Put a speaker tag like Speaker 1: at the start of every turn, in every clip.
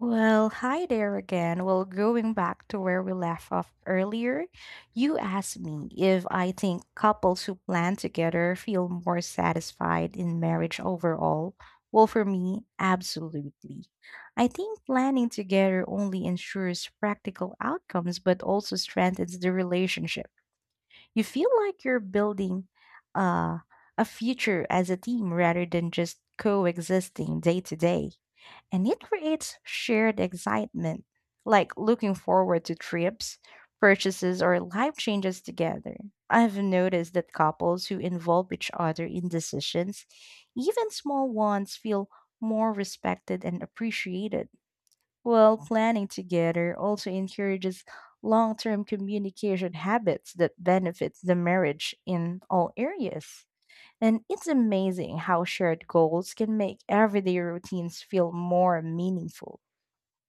Speaker 1: Well, hi there again. Well, going back to where we left off earlier, you asked me if I think couples who plan together feel more satisfied in marriage overall. Well, for me, absolutely. I think planning together only ensures practical outcomes, but also strengthens the relationship. You feel like you're building uh, a future as a team rather than just coexisting day to day, and it creates shared excitement, like looking forward to trips, purchases, or life changes together. I've noticed that couples who involve each other in decisions, even small ones, feel more respected and appreciated. Well, planning together also encourages long term communication habits that benefits the marriage in all areas. And it's amazing how shared goals can make everyday routines feel more meaningful.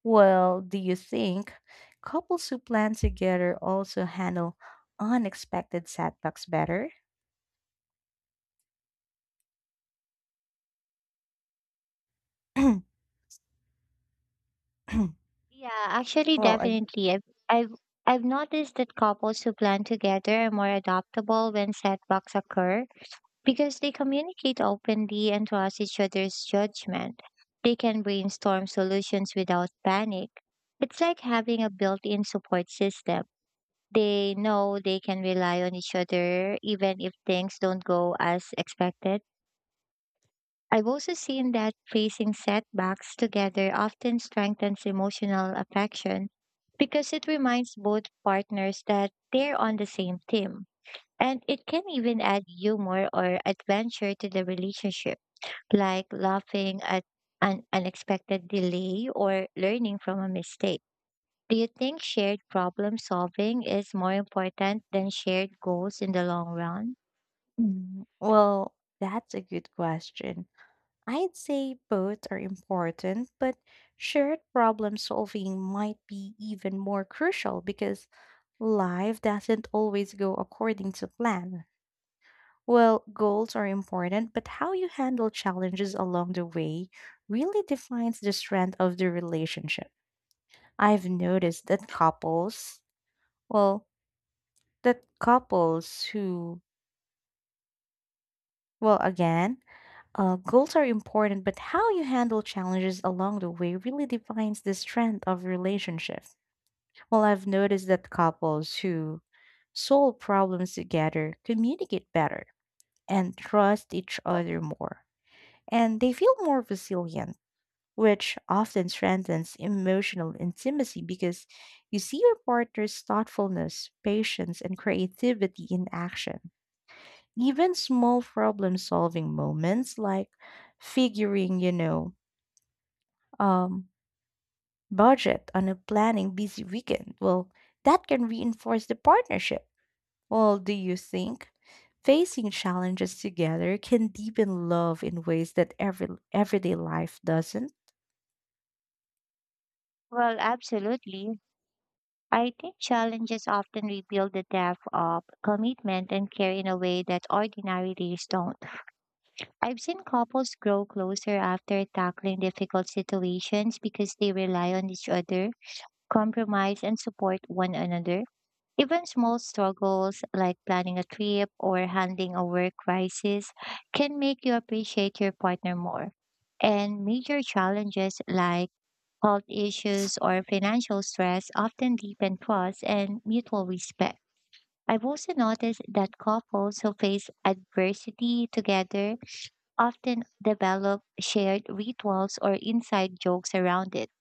Speaker 1: Well, do you think couples who plan together also handle unexpected setbacks better?
Speaker 2: Yeah, actually,
Speaker 1: well, I,
Speaker 2: definitely. I've, I've noticed that couples who plan together are more adaptable when setbacks occur because they communicate openly and trust each other's judgment. They can brainstorm solutions without panic. It's like having a built in support system. They know they can rely on each other even if things don't go as expected. I've also seen that facing setbacks together often strengthens emotional affection because it reminds both partners that they're on the same team. And it can even add humor or adventure to the relationship, like laughing at an unexpected delay or learning from a mistake. Do you think shared problem solving is more important than shared goals in the long run?
Speaker 1: Mm, well, that's a good question. I'd say both are important, but shared problem solving might be even more crucial because life doesn't always go according to plan. Well, goals are important, but how you handle challenges along the way really defines the strength of the relationship. I've noticed that couples, well, that couples who, well, again, Goals are important, but how you handle challenges along the way really defines the strength of relationship. Well, I've noticed that couples who solve problems together communicate better and trust each other more, and they feel more resilient, which often strengthens emotional intimacy because you see your partner's thoughtfulness, patience, and creativity in action. Even small problem solving moments like figuring, you know, um, budget on a planning busy weekend, well, that can reinforce the partnership. Well, do you think facing challenges together can deepen love in ways that everyday life doesn't?
Speaker 2: Well, absolutely, I think challenges often reveal the depth of commitment and care in a way that ordinary days don't. I've seen couples grow closer after tackling difficult situations because they rely on each other, compromise, and support one another. Even small struggles like planning a trip or handling a work crisis can make you appreciate your partner more. And major challenges like health issues or financial stress often deepen trust and mutual respect. I've also noticed that couples who face adversity together often develop shared rituals or inside jokes around it,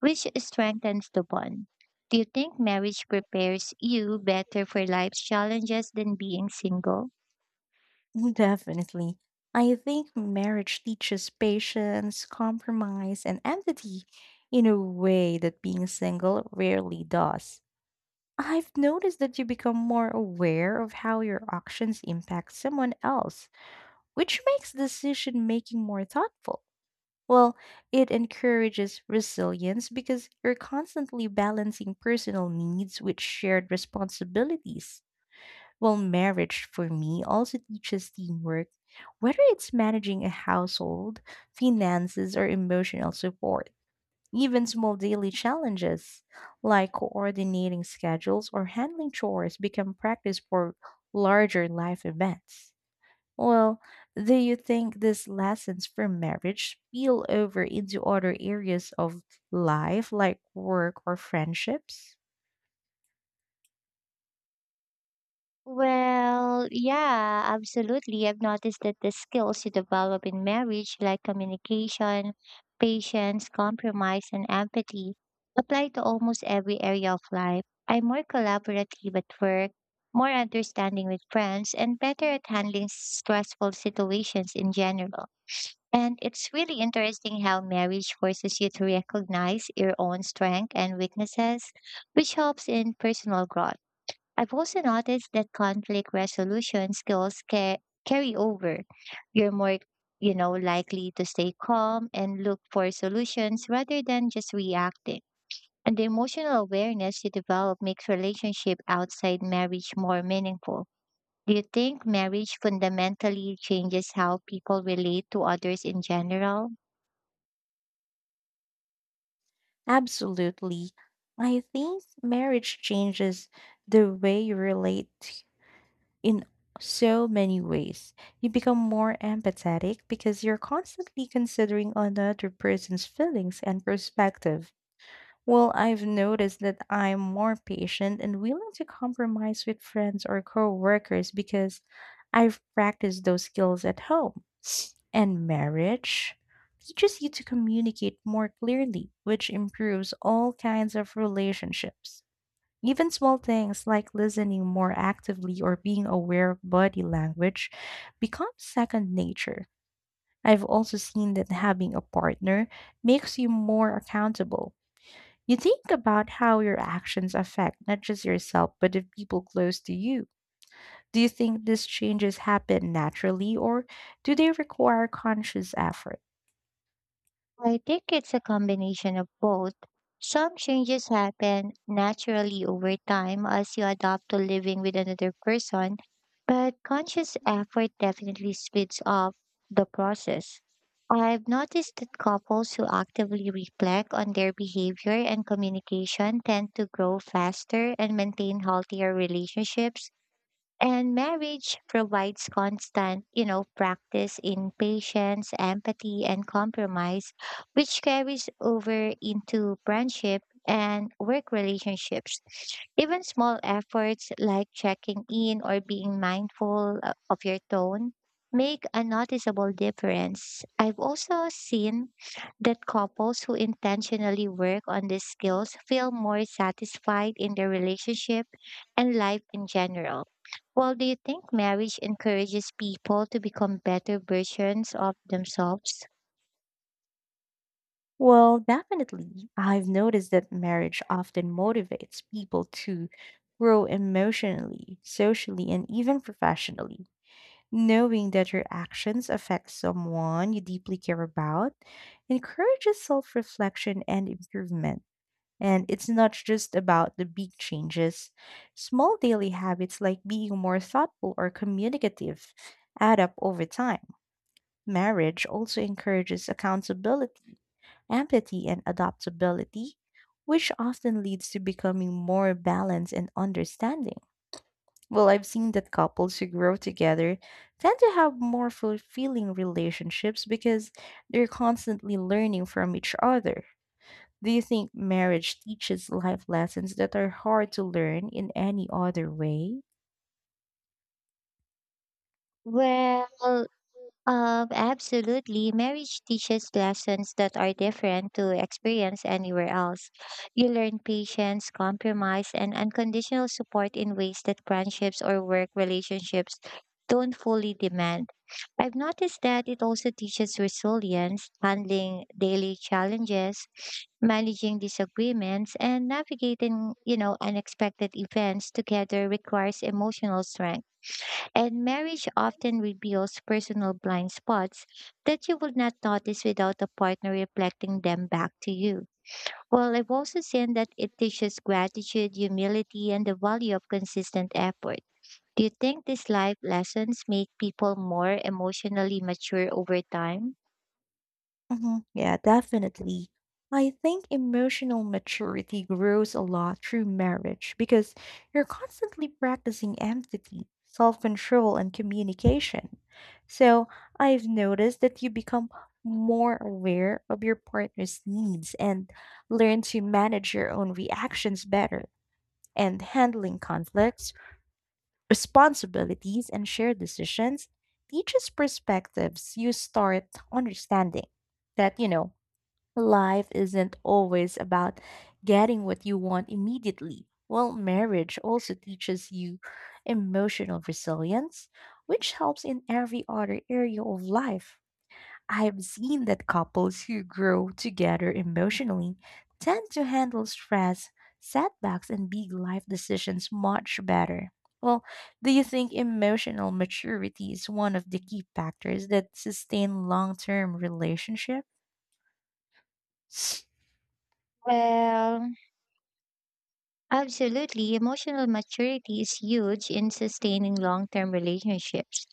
Speaker 2: which strengthens the bond. Do you think marriage prepares you better for life's challenges than being single?
Speaker 1: Definitely. I think marriage teaches patience, compromise, and empathy in a way that being single rarely does. I've noticed that you become more aware of how your actions impact someone else, which makes decision making more thoughtful. Well, it encourages resilience because you're constantly balancing personal needs with shared responsibilities. Well, marriage for me also teaches teamwork, whether it's managing a household, finances, or emotional support. Even small daily challenges like coordinating schedules or handling chores become practice for larger life events. Well, do you think these lessons from marriage spill over into other areas of life like work or friendships?
Speaker 2: Well, yeah, absolutely. I've noticed that the skills you develop in marriage, like communication, patience, compromise, and empathy, apply to almost every area of life. I'm more collaborative at work, more understanding with friends, and better at handling stressful situations in general. And it's really interesting how marriage forces you to recognize your own strengths and weaknesses, which helps in personal growth. I've also noticed that conflict resolution skills carry over. You're more, likely to stay calm and look for solutions rather than just reacting. And the emotional awareness you develop makes relationship outside marriage more meaningful. Do you think marriage fundamentally changes how people relate to others in general?
Speaker 1: Absolutely. I think marriage changes the way you relate in so many ways. You become more empathetic because you're constantly considering another person's feelings and perspective. Well, I've noticed that I'm more patient and willing to compromise with friends or coworkers because I've practiced those skills at home. And marriage teaches you to communicate more clearly, which improves all kinds of relationships. Even small things like listening more actively or being aware of body language become second nature. I've also seen that having a partner makes you more accountable. You think about how your actions affect not just yourself, but the people close to you. Do you think these changes happen naturally or do they require conscious effort?
Speaker 2: I think it's a combination of both. Some changes happen naturally over time as you adapt to living with another person, but conscious effort definitely speeds up the process. I've noticed that couples who actively reflect on their behavior and communication tend to grow faster and maintain healthier relationships and marriage provides constant, practice in patience, empathy, and compromise, which carries over into friendship and work relationships. Even small efforts like checking in or being mindful of your tone make a noticeable difference. I've also seen that couples who intentionally work on these skills feel more satisfied in their relationship and life in general. Well, do you think marriage encourages people to become better versions of themselves?
Speaker 1: Well, definitely. I've noticed that marriage often motivates people to grow emotionally, socially, and even professionally. Knowing that your actions affect someone you deeply care about encourages self reflection and improvement. And it's not just about the big changes. Small daily habits like being more thoughtful or communicative add up over time. Marriage also encourages accountability empathy, and adaptability, which often leads to becoming more balanced and understanding. Well, I've seen that couples who grow together tend to have more fulfilling relationships because they're constantly learning from each other. Do you think marriage teaches life lessons that are hard to learn in any other way?
Speaker 2: Well, Absolutely. Marriage teaches lessons that are different to experience anywhere else. You learn patience, compromise, and unconditional support in ways that friendships or work relationships don't fully demand. I've noticed that it also teaches resilience, handling daily challenges, managing disagreements, and navigating, unexpected events together requires emotional strength. And marriage often reveals personal blind spots that you would not notice without a partner reflecting them back to you. Well, I've also seen that it teaches gratitude, humility, and the value of consistent effort. Do you think these life lessons make people more emotionally mature over time?
Speaker 1: Mhm. Yeah, definitely. I think emotional maturity grows a lot through marriage because you're constantly practicing empathy, self control, and communication. So I've noticed that you become more aware of your partner's needs and learn to manage your own reactions better. And handling conflicts, responsibilities, and shared decisions teaches perspectives. You start understanding that, you know, life isn't always about getting what you want immediately. Well, marriage also teaches you emotional resilience, which helps in every other area of life. I've seen that couples who grow together emotionally tend to handle stress, setbacks, and big life decisions much better. Well, do you think emotional maturity is one of the key factors that sustain long term relationships?
Speaker 2: Well, absolutely. Emotional maturity is huge in sustaining long term relationships.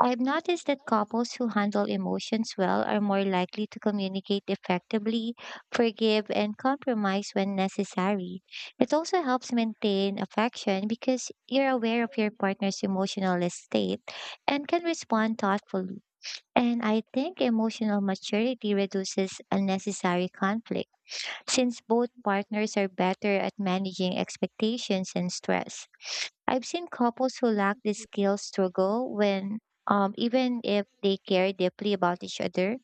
Speaker 2: I've noticed that couples who handle emotions well are more likely to communicate effectively, forgive, and compromise when necessary. It also helps maintain affection because you're aware of your partner's emotional state and can respond thoughtfully. And I think emotional maturity reduces unnecessary conflict since both partners are better at managing expectations and stress. I've seen couples who lack the skills struggle when, even if they care deeply about each other.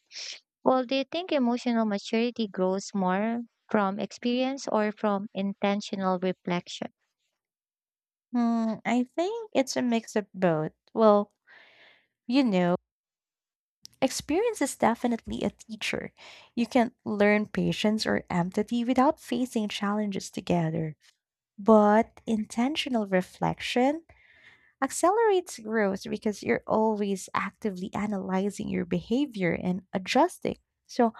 Speaker 2: Well, do you think emotional maturity grows more from experience or from intentional reflection?
Speaker 1: Hmm, I think it's a mix of both. Well, you know, experience is definitely a teacher. You can learn patience or empathy without facing challenges together. But intentional reflection accelerates growth because you're always actively analyzing your behavior and adjusting. So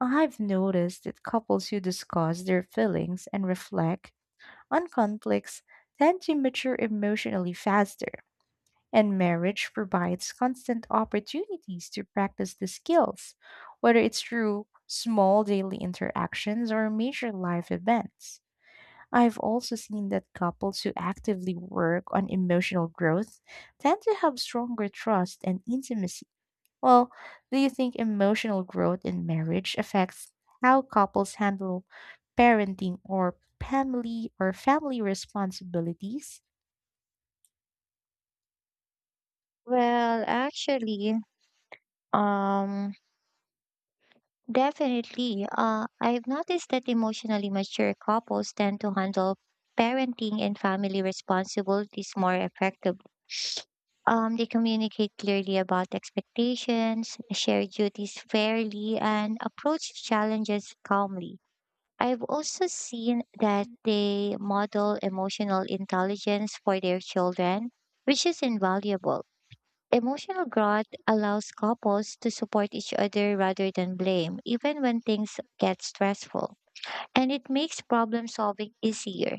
Speaker 1: I've noticed that couples who discuss their feelings and reflect on conflicts tend to mature emotionally faster. And marriage provides constant opportunities to practice the skills, whether it's through small daily interactions or major life events. I've also seen that couples who actively work on emotional growth tend to have stronger trust and intimacy. Well, do you think emotional growth in marriage affects how couples handle parenting or family responsibilities?
Speaker 2: Well, actually, um, definitely. I've noticed that emotionally mature couples tend to handle parenting and family responsibilities more effectively. They communicate clearly about expectations, share duties fairly, and approach challenges calmly. I've also seen that they model emotional intelligence for their children, which is invaluable. Emotional growth allows couples to support each other rather than blame, even when things get stressful. And it makes problem solving easier,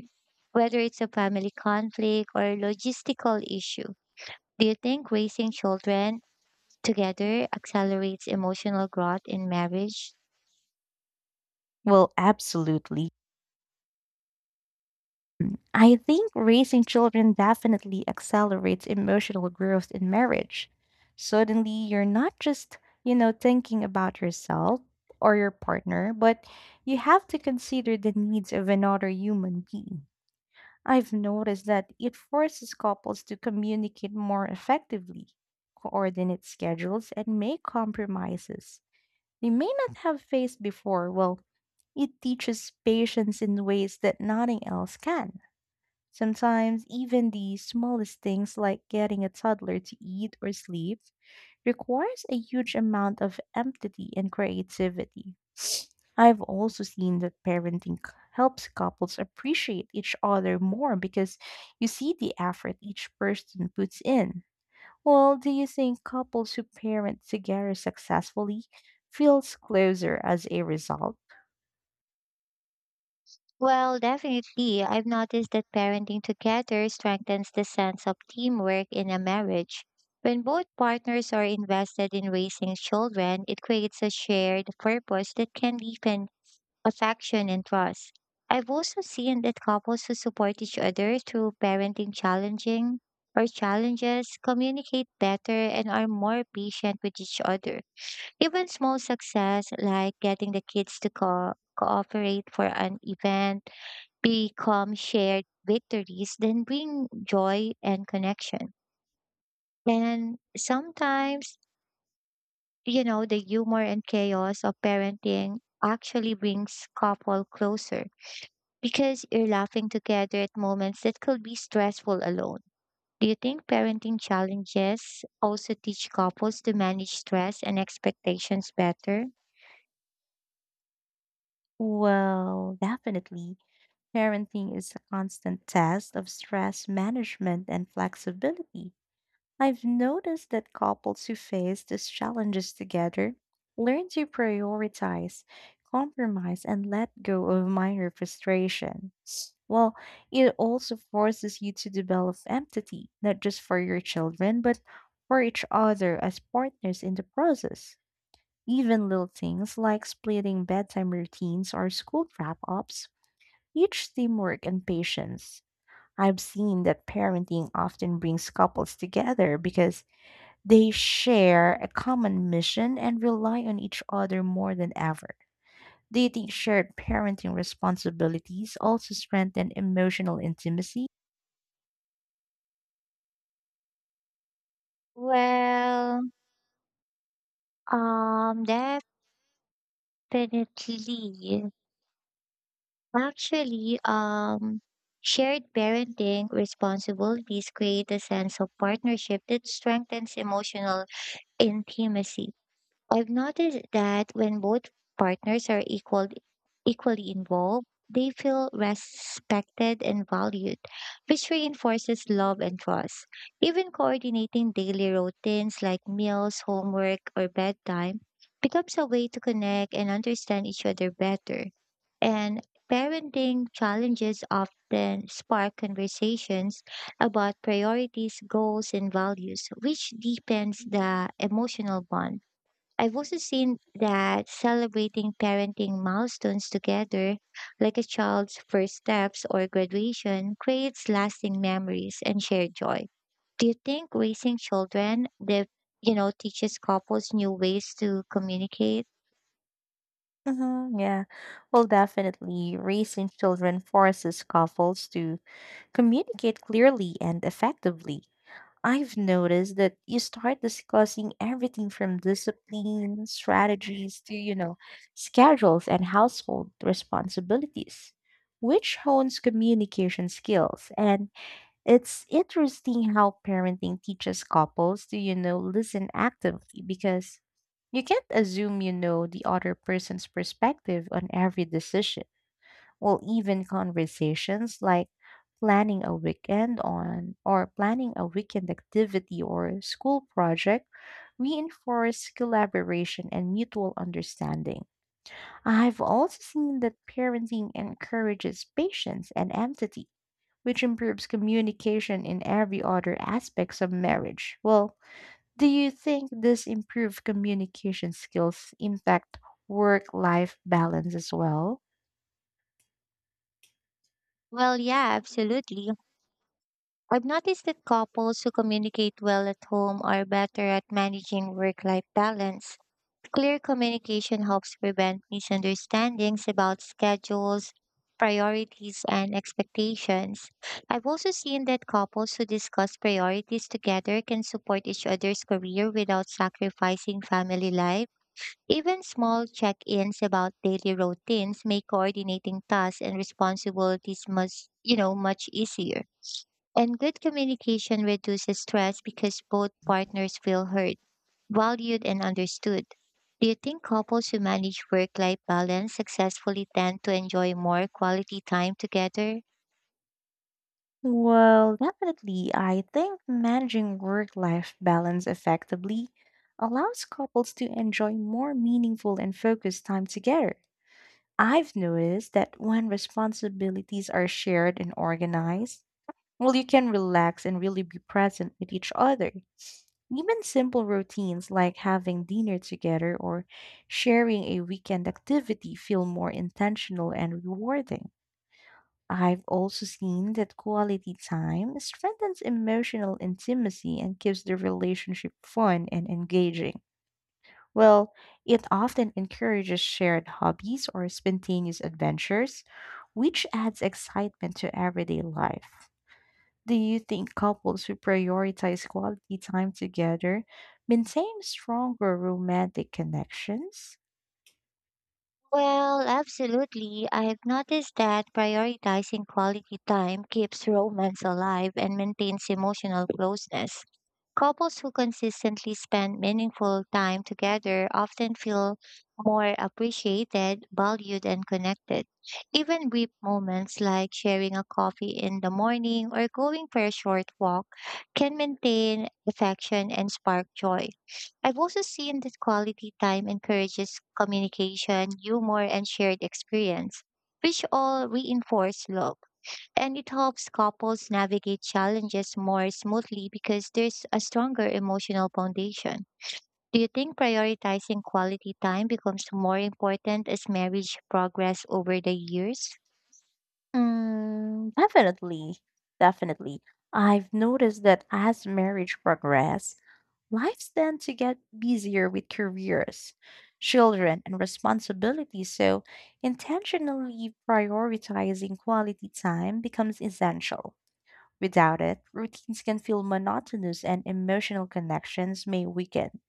Speaker 2: whether it's a family conflict or a logistical issue. Do you think raising children together accelerates emotional growth in marriage?
Speaker 1: Well, absolutely. I think raising children definitely accelerates emotional growth in marriage. Suddenly, you're not just, you know, thinking about yourself or your partner, but you have to consider the needs of another human being. I've noticed that it forces couples to communicate more effectively, coordinate schedules, and make compromises they may not have faced before. Well, it teaches patience in ways that nothing else can. Sometimes even the smallest things like getting a toddler to eat or sleep requires a huge amount of empathy and creativity. I've also seen that parenting helps couples appreciate each other more because you see the effort each person puts in. Well, do you think couples who parent together successfully feels closer as a result?
Speaker 2: Well, definitely. I've noticed that parenting together strengthens the sense of teamwork in a marriage. When both partners are invested in raising children, it creates a shared purpose that can deepen affection and trust. I've also seen that couples who support each other through parenting challenging or challenges communicate better and are more patient with each other. Even small success like getting the kids to cooperate for an event become shared victories then bring joy and connection. And sometimes, the humor and chaos of parenting actually brings couple closer because you're laughing together at moments that could be stressful alone. Do you think parenting challenges also teach couples to manage stress and expectations better?
Speaker 1: Well, definitely. Parenting is a constant test of stress management and flexibility. I've noticed that couples who face these challenges together learn to prioritize, compromise, and let go of minor frustration. Well, it also forces you to develop empathy, not just for your children, but for each other as partners in the process. Even little things like splitting bedtime routines or school wrap ups each teamwork and patience. I've seen that parenting often brings couples together because they share a common mission and rely on each other more than ever. Do you think shared parenting responsibilities also strengthen emotional intimacy?
Speaker 2: Well, um, Definitely. Actually, shared parenting responsibilities create a sense of partnership that strengthens emotional intimacy. I've noticed that when both partners are equal, equally involved, they feel respected and valued, which reinforces love and trust. Even coordinating daily routines like meals, homework, or bedtime becomes a way to connect and understand each other better and parenting challenges often spark conversations about priorities, goals, and values, which deepens the emotional bond. I've also seen that celebrating parenting milestones together, like a child's first steps or graduation, creates lasting memories and shared joy. Do you think raising children, teaches couples new ways to communicate?
Speaker 1: Mm-hmm, yeah, well, definitely. Raising children forces couples to communicate clearly and effectively. I've noticed that you start discussing everything from discipline, strategies to, you know, schedules and household responsibilities, which hones communication skills. And it's interesting how parenting teaches couples to, you know, listen actively because you can't assume you know the other person's perspective on every decision. Well, even conversations like planning a weekend activity or school project reinforce collaboration and mutual understanding. I've also seen that parenting encourages patience and empathy, which improves communication in every other aspects of marriage. Well, do you think this improved communication skills impact work-life balance as well?
Speaker 2: Well, yeah, absolutely. I've noticed that couples who communicate well at home are better at managing work life balance. Clear communication helps prevent misunderstandings about schedules, priorities, and expectations. I've also seen that couples who discuss priorities together can support each other's career without sacrificing family life. Even small check ins about daily routines make coordinating tasks and responsibilities much, much easier. And good communication reduces stress because both partners feel heard, valued, and understood. Do you think couples who manage work life balance successfully tend to enjoy more quality time together?
Speaker 1: Well, definitely. I think managing work-life balance effectively allows couples to enjoy more meaningful and focused time together. I've noticed that when responsibilities are shared and organized, well, you can relax and really be present with each other. Even simple routines like having dinner together or sharing a weekend activity feel more intentional and rewarding. I've also seen that quality time strengthens emotional intimacy and keeps the relationship fun and engaging. Well, it often encourages shared hobbies or spontaneous adventures, which adds excitement to everyday life. Do you think couples who prioritize quality time together maintain stronger romantic connections?
Speaker 2: Well, absolutely. I have noticed that prioritizing quality time keeps romance alive and maintains emotional closeness. Couples who consistently spend meaningful time together often feel more appreciated, valued, and connected. Even brief moments like sharing a coffee in the morning or going for a short walk can maintain affection and spark joy. I've also seen that quality time encourages communication, humor, and shared experience, which all reinforce love. And it helps couples navigate challenges more smoothly because there's a stronger emotional foundation. Do you think prioritizing quality time becomes more important as marriage progresses over the years?
Speaker 1: Mm, definitely. Definitely. I've noticed that as marriage progress, lives tend to get busier with careers, children, and responsibilities. So, intentionally prioritizing quality time becomes essential. Without it, routines can feel monotonous and emotional connections may weaken.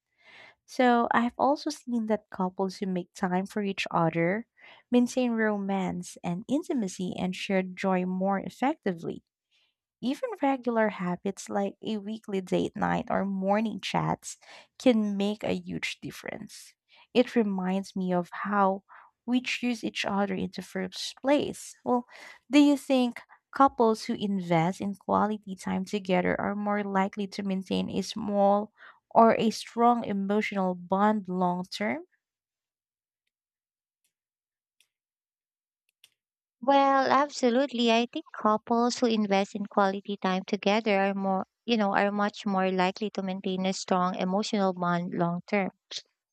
Speaker 1: So I've also seen that couples who make time for each other maintain romance and intimacy and shared joy more effectively. Even regular habits like a weekly date night or morning chats can make a huge difference. It reminds me of how we choose each other in the first place. Well, do you think couples who invest in quality time together are more likely to maintain a small or a strong emotional bond long term?
Speaker 2: Well, absolutely. I think couples who invest in quality time together are more, are much more likely to maintain a strong emotional bond long term.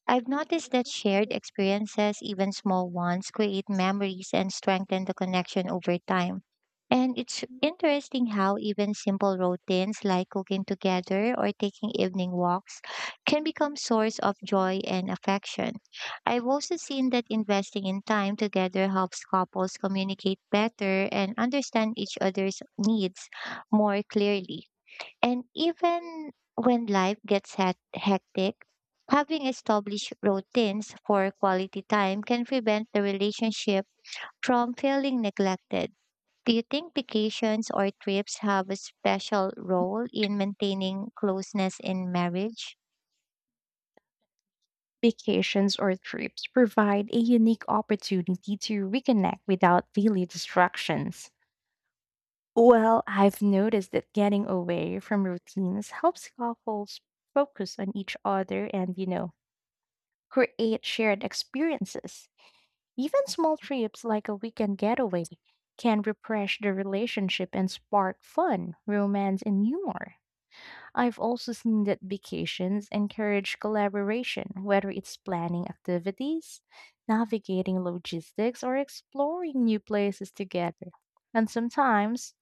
Speaker 2: I've noticed that shared experiences, even small ones, create memories and strengthen the connection over time. And it's interesting how even simple routines like cooking together or taking evening walks can become source of joy and affection. I've also seen that investing in time together helps couples communicate better and understand each other's needs more clearly. And even when life gets hectic, having established routines for quality time can prevent the relationship from feeling neglected. Do you think vacations or trips have a special role in maintaining closeness in marriage?
Speaker 1: Vacations or trips provide a unique opportunity to reconnect without daily distractions. Well, I've noticed that getting away from routines helps couples focus on each other and, you know, create shared experiences. Even small trips like a weekend getaway can refresh the relationship and spark fun, romance, and humor. I've also seen that vacations encourage collaboration, whether it's planning activities, navigating logistics, or exploring new places together. And sometimes,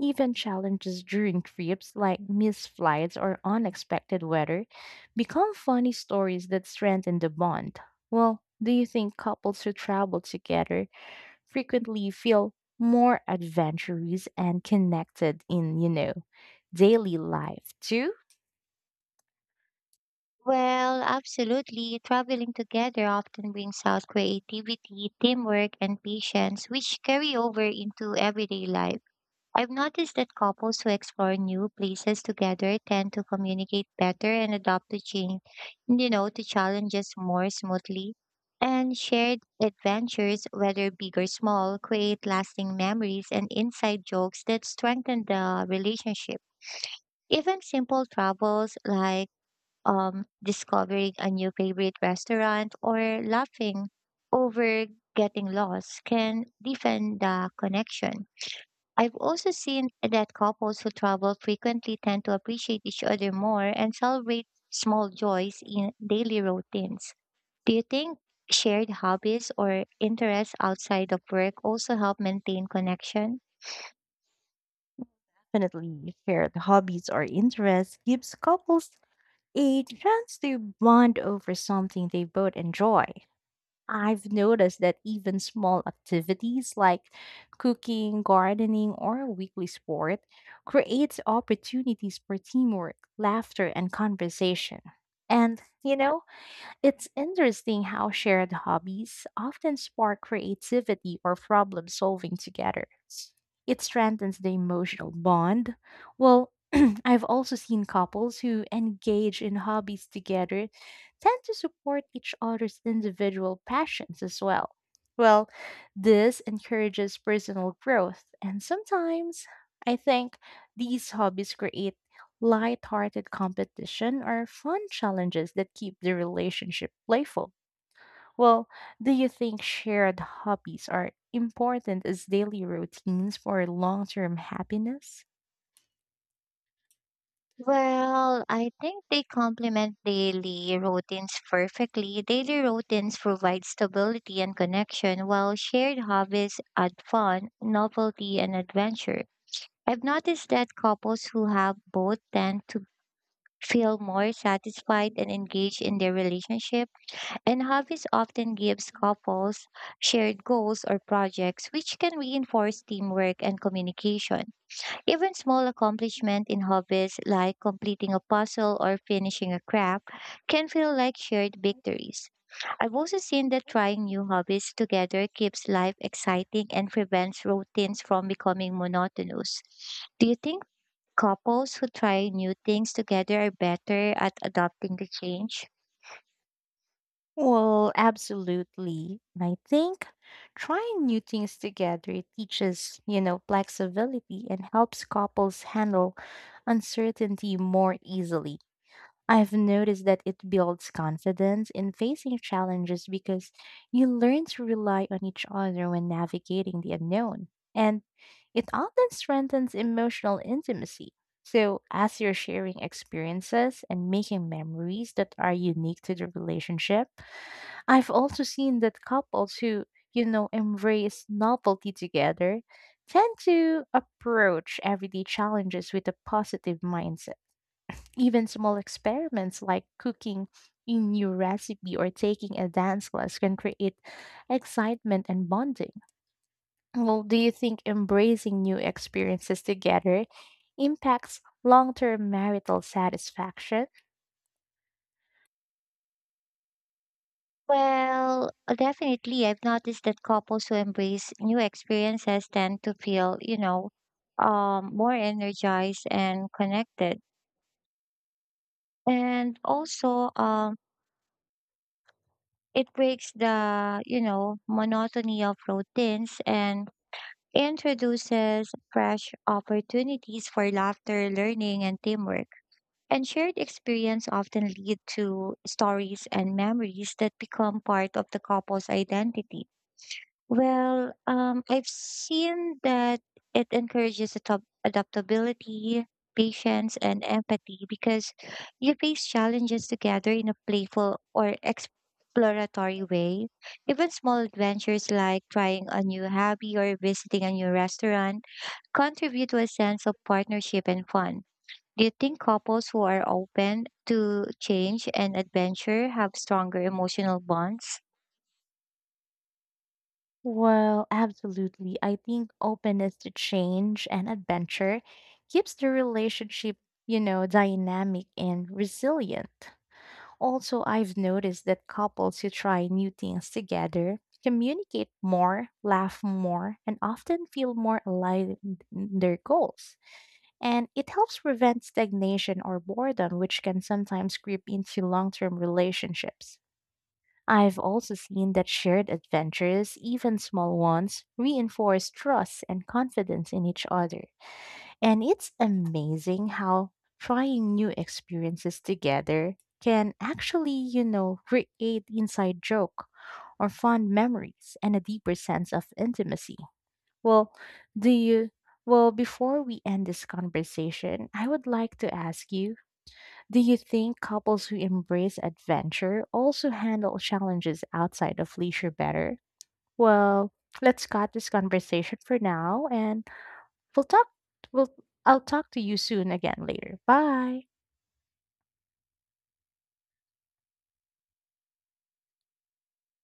Speaker 1: even challenges during trips like missed flights or unexpected weather become funny stories that strengthen the bond. Well, do you think couples who travel together frequently feel more adventurous and connected in, you know, daily life too?
Speaker 2: Well, absolutely. Traveling together often brings out creativity, teamwork, and patience, which carry over into everyday life. I've noticed that couples who explore new places together tend to communicate better and adopt to change, to challenges more smoothly. And shared adventures, whether big or small, create lasting memories and inside jokes that strengthen the relationship. Even simple travels like discovering a new favorite restaurant or laughing over getting lost can deepen the connection. I've also seen that couples who travel frequently tend to appreciate each other more and celebrate small joys in daily routines. Do you think shared hobbies or interests outside of work also help maintain connection?
Speaker 1: Definitely shared hobbies or interests gives couples a chance to bond over something they both enjoy. I've noticed that even small activities like cooking, gardening, or a weekly sport creates opportunities for teamwork, laughter, and conversation. And, you know, it's interesting how shared hobbies often spark creativity or problem solving together. It strengthens the emotional bond. Well, I've also seen couples who engage in hobbies together tend to support each other's individual passions as well. Well, this encourages personal growth, and sometimes I think these hobbies create light-hearted competition or fun challenges that keep the relationship playful. Well, do you think shared hobbies are important as daily routines for long term happiness?
Speaker 2: Well, I think they complement daily routines perfectly. Daily routines provide stability and connection, while shared hobbies add fun, novelty, and adventure. I've noticed that couples who have both tend to feel more satisfied and engaged in their relationship. And hobbies often gives couples shared goals or projects which can reinforce teamwork and communication. Even small accomplishment in hobbies like completing a puzzle or finishing a craft can feel like shared victories. I've also seen that trying new hobbies together keeps life exciting and prevents routines from becoming monotonous. Do you think couples who try new things together are better at adopting the change?
Speaker 1: Well, absolutely. I think trying new things together teaches, you know, flexibility and helps couples handle uncertainty more easily. I've noticed that it builds confidence in facing challenges because you learn to rely on each other when navigating the unknown. And it often strengthens emotional intimacy. So, as you're sharing experiences and making memories that are unique to the relationship, I've also seen that couples who, you know, embrace novelty together tend to approach everyday challenges with a positive mindset. Even small experiments like cooking a new recipe or taking a dance class can create excitement and bonding. Well, do you think embracing new experiences together impacts long term marital satisfaction?
Speaker 2: Well, definitely. I've noticed that couples who embrace new experiences tend to feel, more energized and connected. And also, it breaks the, monotony of routines and introduces fresh opportunities for laughter, learning, and teamwork. And shared experience often lead to stories and memories that become part of the couple's identity. I've seen that it encourages adaptability, patience, and empathy because you face challenges together in a playful or exploratory way. Even small adventures like trying a new hobby or visiting a new restaurant contribute to a sense of partnership and fun. Do you think couples who are open to change and adventure have stronger emotional bonds?
Speaker 1: Well, absolutely. I think openness to change and adventure keeps the relationship, you know, dynamic and resilient. Also, I've noticed that couples who try new things together communicate more, laugh more, and often feel more aligned in their goals. And it helps prevent stagnation or boredom, which can sometimes creep into long term relationships. I've also seen that shared adventures, even small ones, reinforce trust and confidence in each other. And it's amazing how trying new experiences together can actually, you know, create inside joke or fond memories and a deeper sense of intimacy. Well, do you before we end this conversation, I would like to ask you, do you think couples who embrace adventure also handle challenges outside of leisure better? Well, let's cut this conversation for now and We'll talk we'll I'll talk to you soon again later. Bye.